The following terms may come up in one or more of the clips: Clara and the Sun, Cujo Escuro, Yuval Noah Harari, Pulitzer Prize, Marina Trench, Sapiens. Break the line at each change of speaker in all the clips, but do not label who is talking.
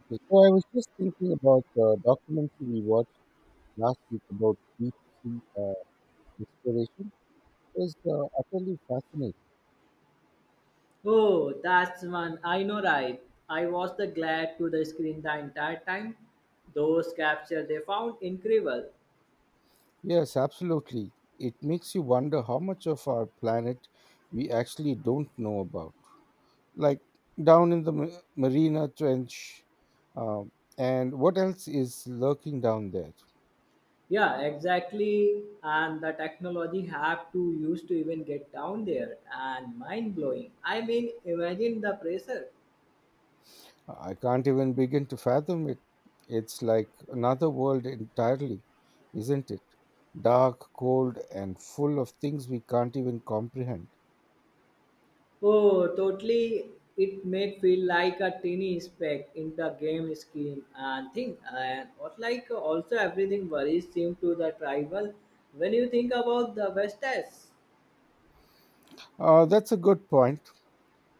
Okay, so I was just thinking about the documentary we watched last week about deep sea exploration. It was utterly fascinating.
Oh, that's one. I know, right? I was the glad to the screen the entire time. Those capture they found incredible.
Yes, absolutely. It makes you wonder how much of our planet we actually don't know about. Like down in the Marina Trench, um, and what else is lurking down there?
Yeah, exactly. And the technology have to use to even get down there and mind blowing. Imagine the pressure.
I can't even begin to fathom it. It's like another world entirely, isn't it? Dark, cold, and full of things we can't even comprehend.
Oh, totally. It made feel like a tiny speck in the game scheme and thing. And what also everything worries seem to the tribal when you think about the West Test.
That's a good point.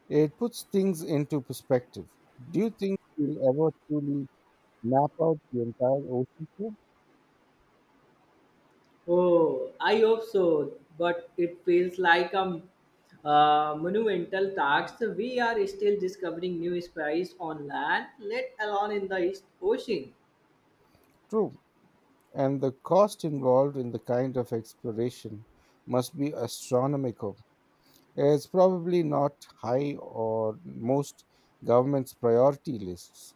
It puts things into perspective. Do you think we'll ever truly map out the entire ocean floor?
Oh, I hope so, but it feels like a monumental task. We are still discovering new species on land, let alone in the ocean.
True. And the cost involved in the kind of exploration must be astronomical. It's probably not high or most governments' priority lists.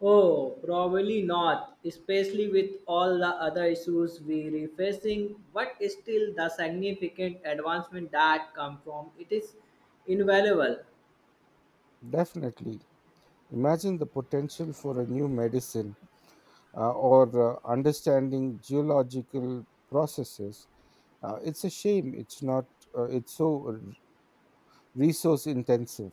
Oh, probably not, especially with all the other issues we are facing, but still the significant advancement that come from it is invaluable.
Definitely. Imagine the potential for a new medicine or understanding geological processes. It's a shame it's not, it's so resource intensive.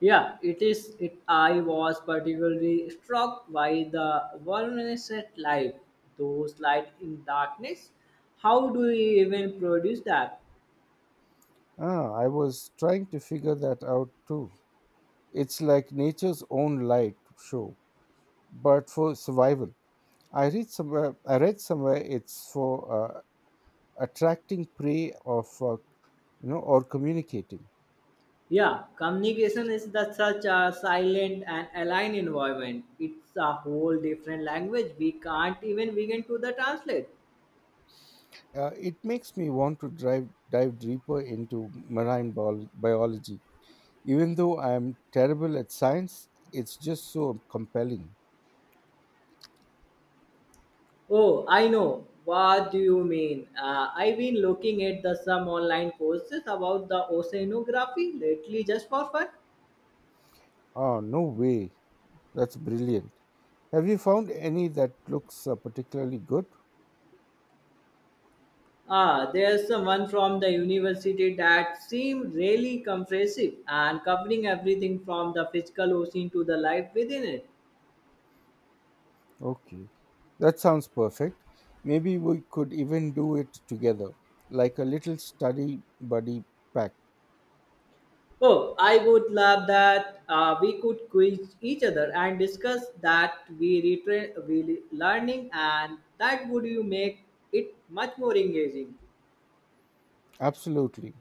Yeah, it is. It I was particularly struck by the luminescent light, those light in darkness. How do we even produce that?
Ah, I was trying to figure that out too. It's like nature's own light show, but for survival. I read somewhere it's for attracting prey of, or communicating.
Yeah, communication is such a silent and aligned environment. It's a whole different language. We can't even begin to the translate.
It makes me want to dive deeper into marine biology. Even though I am terrible at science, it's just so compelling.
Oh, I know. What do you mean? I've been looking at the some online courses about the oceanography lately, just for fun.
Oh, no way. That's brilliant. Have you found any that looks particularly good?
Ah, there's someone from the university that seemed really comprehensive and covering everything from the physical ocean to the life within it.
Okay. That sounds perfect. Maybe we could even do it together, like a little study buddy pact.
Oh, I would love that we could quiz each other and discuss that we retrain, learning, and that would you make it much more engaging.
Absolutely.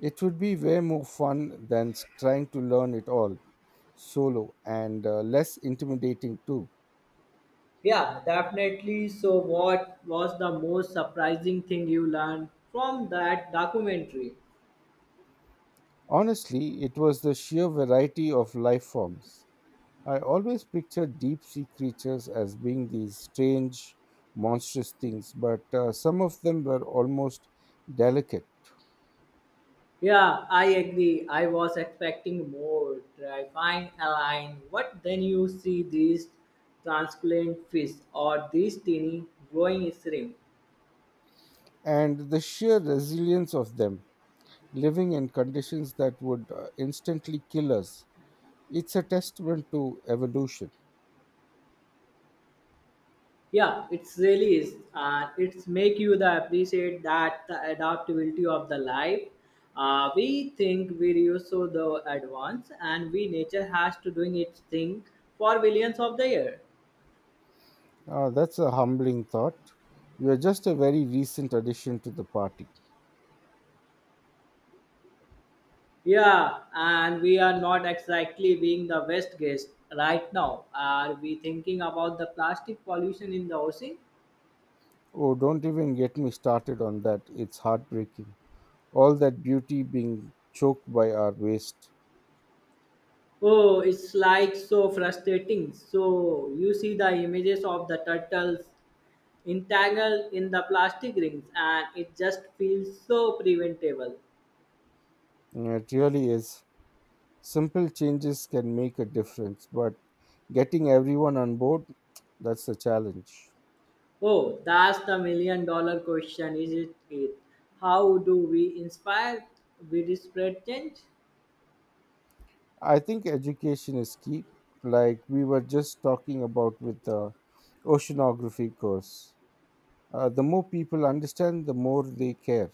It would be way more fun than trying to learn it all solo, and less intimidating too.
Yeah, definitely. So, what was the most surprising thing you learned from that documentary?
Honestly, it was the sheer variety of life forms. I always pictured deep sea creatures as being these strange, monstrous things, but some of them were almost delicate.
Yeah, I agree. I was expecting more terrifying line. What then you see these transparent fish or these teeny growing shrimp?
And the sheer resilience of them, living in conditions that would instantly kill us, it's a testament to evolution.
Yeah, it's really is, and it's make you the appreciate that the adaptability of the life. We think we use so the advance, and we nature has to doing its thing for billions of the year.
That's a humbling thought. You are just a very recent addition to the party.
Yeah, and we are not exactly being the best guest right now. Are we thinking about the plastic pollution in the ocean?
Oh, don't even get me started on that. It's heartbreaking. All that beauty being choked by our waste.
Oh, it's like so frustrating. So you see the images of the turtles entangled in the plastic rings, and it just feels so preventable.
It really is. Simple changes can make a difference, but getting everyone on board, that's the challenge.
Oh, that's the million dollar question, is it? How do we inspire? We spread change?
I think education is key, like we were just talking about with the oceanography course. The more people understand, the more they care.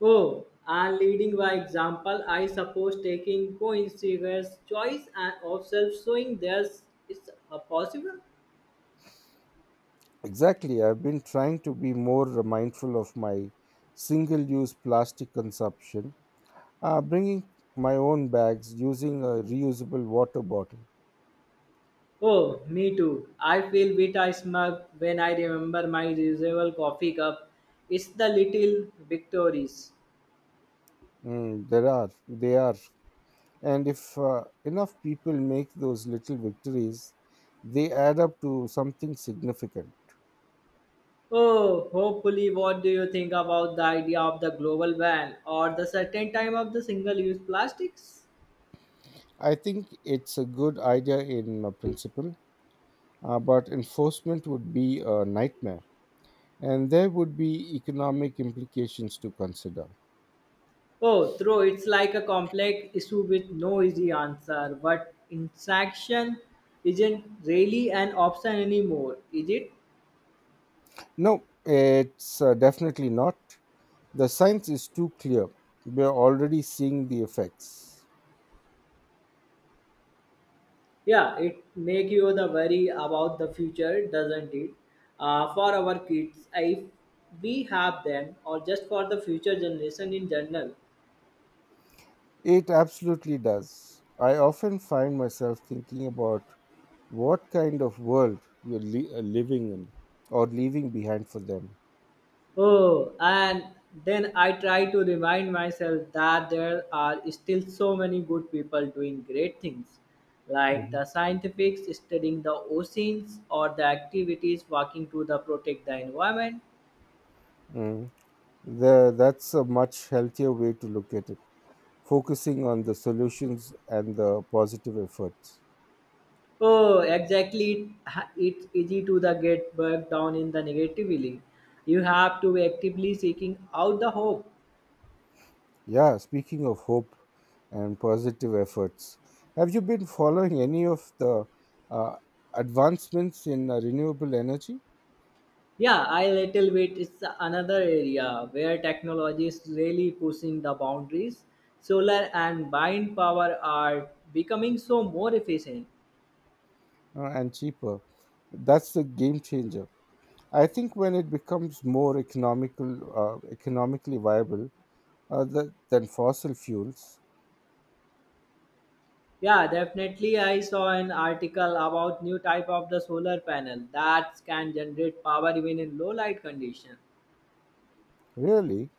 Oh, and leading by example, I suppose taking coincidence choice and observe showing theirs is possible.
Exactly. I've been trying to be more mindful of my single use plastic consumption, bringing my own bags, using a reusable water bottle.
Oh, me too. I feel bit I smug when I remember my reusable coffee cup. It's the little victories.
They are. And if enough people make those little victories, they add up to something significant.
Oh, hopefully, what do you think about the idea of the global ban or the certain time of the single-use plastics?
I think it's a good idea in principle, but enforcement would be a nightmare, and there would be economic implications to consider.
Oh, true. It's like a complex issue with no easy answer. But interaction isn't really an option anymore, is it?
No, it's definitely not. The science is too clear. We're already seeing the effects.
Yeah, it make you the worry about the future, doesn't it? For our kids, if we have them, or just for the future generation in general.
It absolutely does. I often find myself thinking about what kind of world we're living in or leaving behind for them.
Oh, and then I try to remind myself that there are still so many good people doing great things, like
Mhm.
the scientists studying the oceans or the activities working to the protect the environment.
Mm. That's a much healthier way to look at it, focusing on the solutions and the positive efforts.
Oh, exactly. It's easy to the get bogged down in the negatively. You have to be actively seeking out the hope.
Yeah, speaking of hope and positive efforts, have you been following any of the uh, advancements in renewable energy
Yeah, I little bit. It's another area where technology is really pushing the boundaries. Solar and wind power are becoming so more efficient.
and cheaper? That's the game changer. I think when it becomes more economically viable than fossil fuels,
Yeah, definitely. I saw an article about new type of the solar panel that can generate power even in low light condition.
really,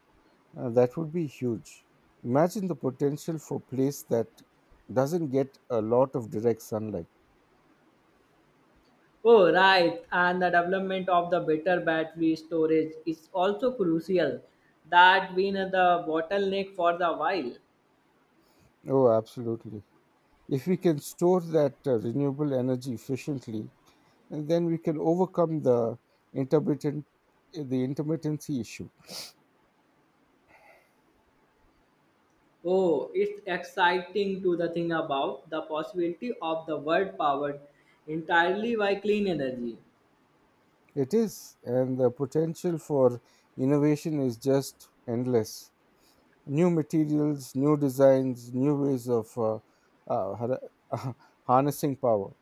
that would be huge. Imagine the potential for place that doesn't get a lot of direct sunlight.
Oh, right. And the development of the better battery storage is also crucial. That been the bottleneck for the while.
Oh, absolutely. If we can store that renewable energy efficiently, then we can overcome the intermittent the intermittency issue.
Oh, it's exciting to the thing about the possibility of the world powered entirely by clean energy.
It is, and the potential for innovation is just endless. New materials, new designs, new ways of uh, har- harnessing power.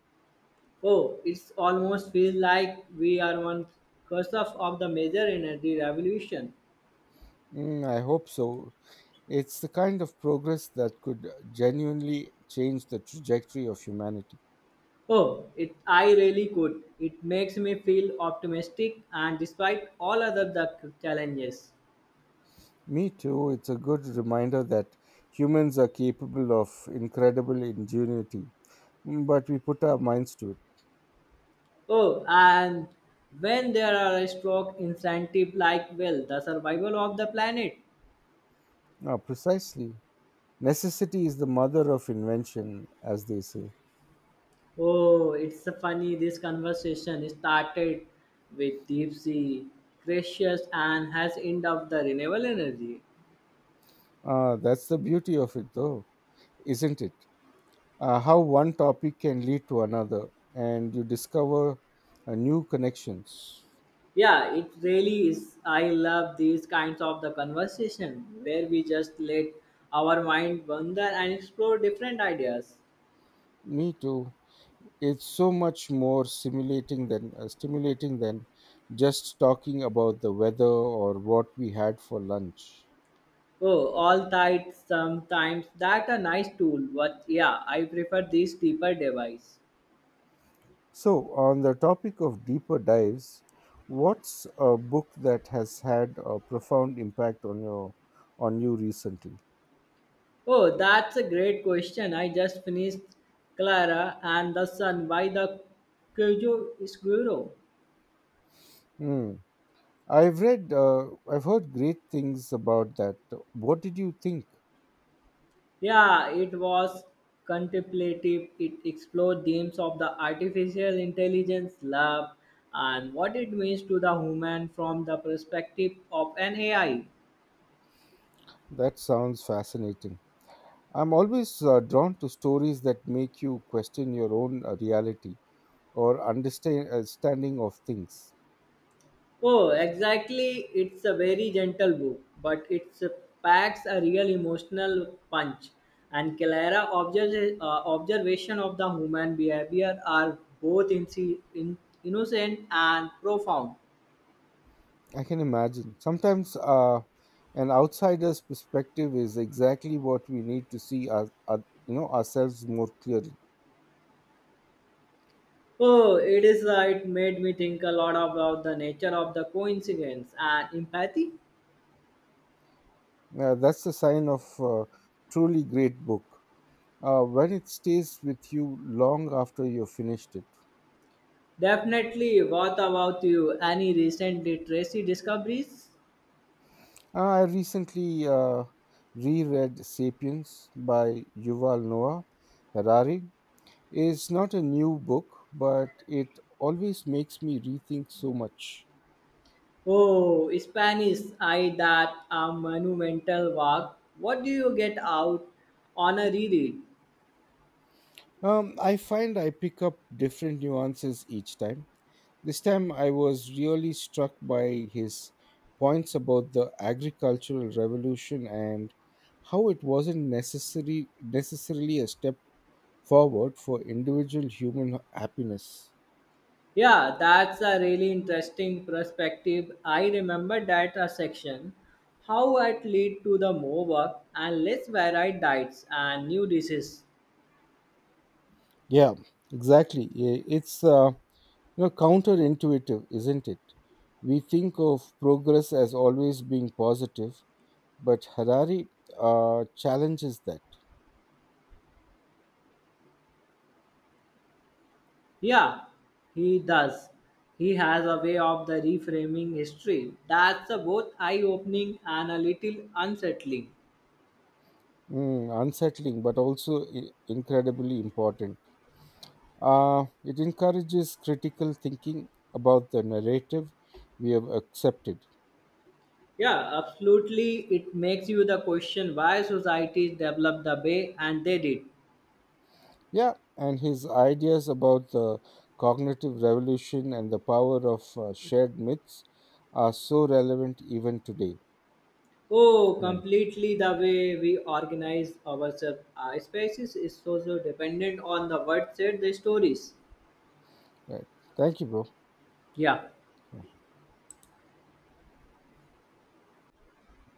Oh, it's almost feels like we are on cusp of the major energy revolution.
I hope so. It's the kind of progress that could genuinely change the trajectory of humanity.
Oh, it I really could. It makes me feel optimistic and despite all other the challenges.
Me too. It's a good reminder that humans are capable of incredible ingenuity, but we put our minds to it.
Oh, and when there are a stroke incentive like well, the survival of the planet.
Ah, precisely. Necessity is the mother of invention, as they say.
Oh, it's a funny. This conversation started with deep sea precious and has end up the renewable energy.
Ah, that's the beauty of it, though, isn't it? Ah, how one topic can lead to another, and you discover new connections.
Yeah, it really is. I love these kinds of the conversation where we just let our mind wander and explore different ideas.
Me too. It's so much more simulating than stimulating than just talking about the weather or what we had for lunch.
Oh, all tight sometimes that a nice tool, but yeah, I prefer this deeper device.
So, on the topic of deeper dives, what's a book that has had a profound impact on your on you recently?
Oh, that's a great question. I just finished Clara and the Sun by the Cujo Escuro.
Hmm. I've heard great things about that. What did you think?
Yeah, it was contemplative. It explored themes of the artificial intelligence, love, and what it means to the human from the perspective of an AI.
That sounds fascinating. I'm always drawn to stories that make you question your own reality, or understanding of things.
Oh, exactly. It's a very gentle book, but it packs a real emotional punch. And Clara observation of the human behavior are both in- innocent and profound.
I can imagine. Sometimes an outsider's perspective is exactly what we need to see ourselves more clearly.
Oh, it is. It made me think a lot about the nature of the coincidence and empathy.
That's the sign of a truly great book when it stays with you long after you've finished it.
Definitely. What about you? Any recent literacy discoveries?
I recently reread *Sapiens* by Yuval Noah Harari. It's not a new book, but it always makes me rethink so much.
Oh, Spanish I that a monumental work. What do you get out on a reread?
I find I pick up different nuances each time. This time I was really struck by his points about the agricultural revolution and how it wasn't necessary necessarily a step forward for individual human happiness.
Yeah, that's a really interesting perspective. I remember that a section, how it lead to the more work and less varied diets and new diseases.
Yeah, exactly. It's counterintuitive, isn't it? We think of progress as always being positive, but Harari challenges that.
Yeah, he does. He has a way of the reframing history. That's a both eye-opening and a little unsettling.
Unsettling, but also incredibly important. It encourages critical thinking about the narrative we have accepted.
Yeah, absolutely. It makes you the question why societies developed the way and they did.
Yeah, and his ideas about the cognitive revolution and the power of shared myths are so relevant even today.
Oh,
Yeah.
completely the way we organize ourselves. Our species is also dependent on the word said the stories.
Right. Thank you, bro.
Yeah.
Yeah.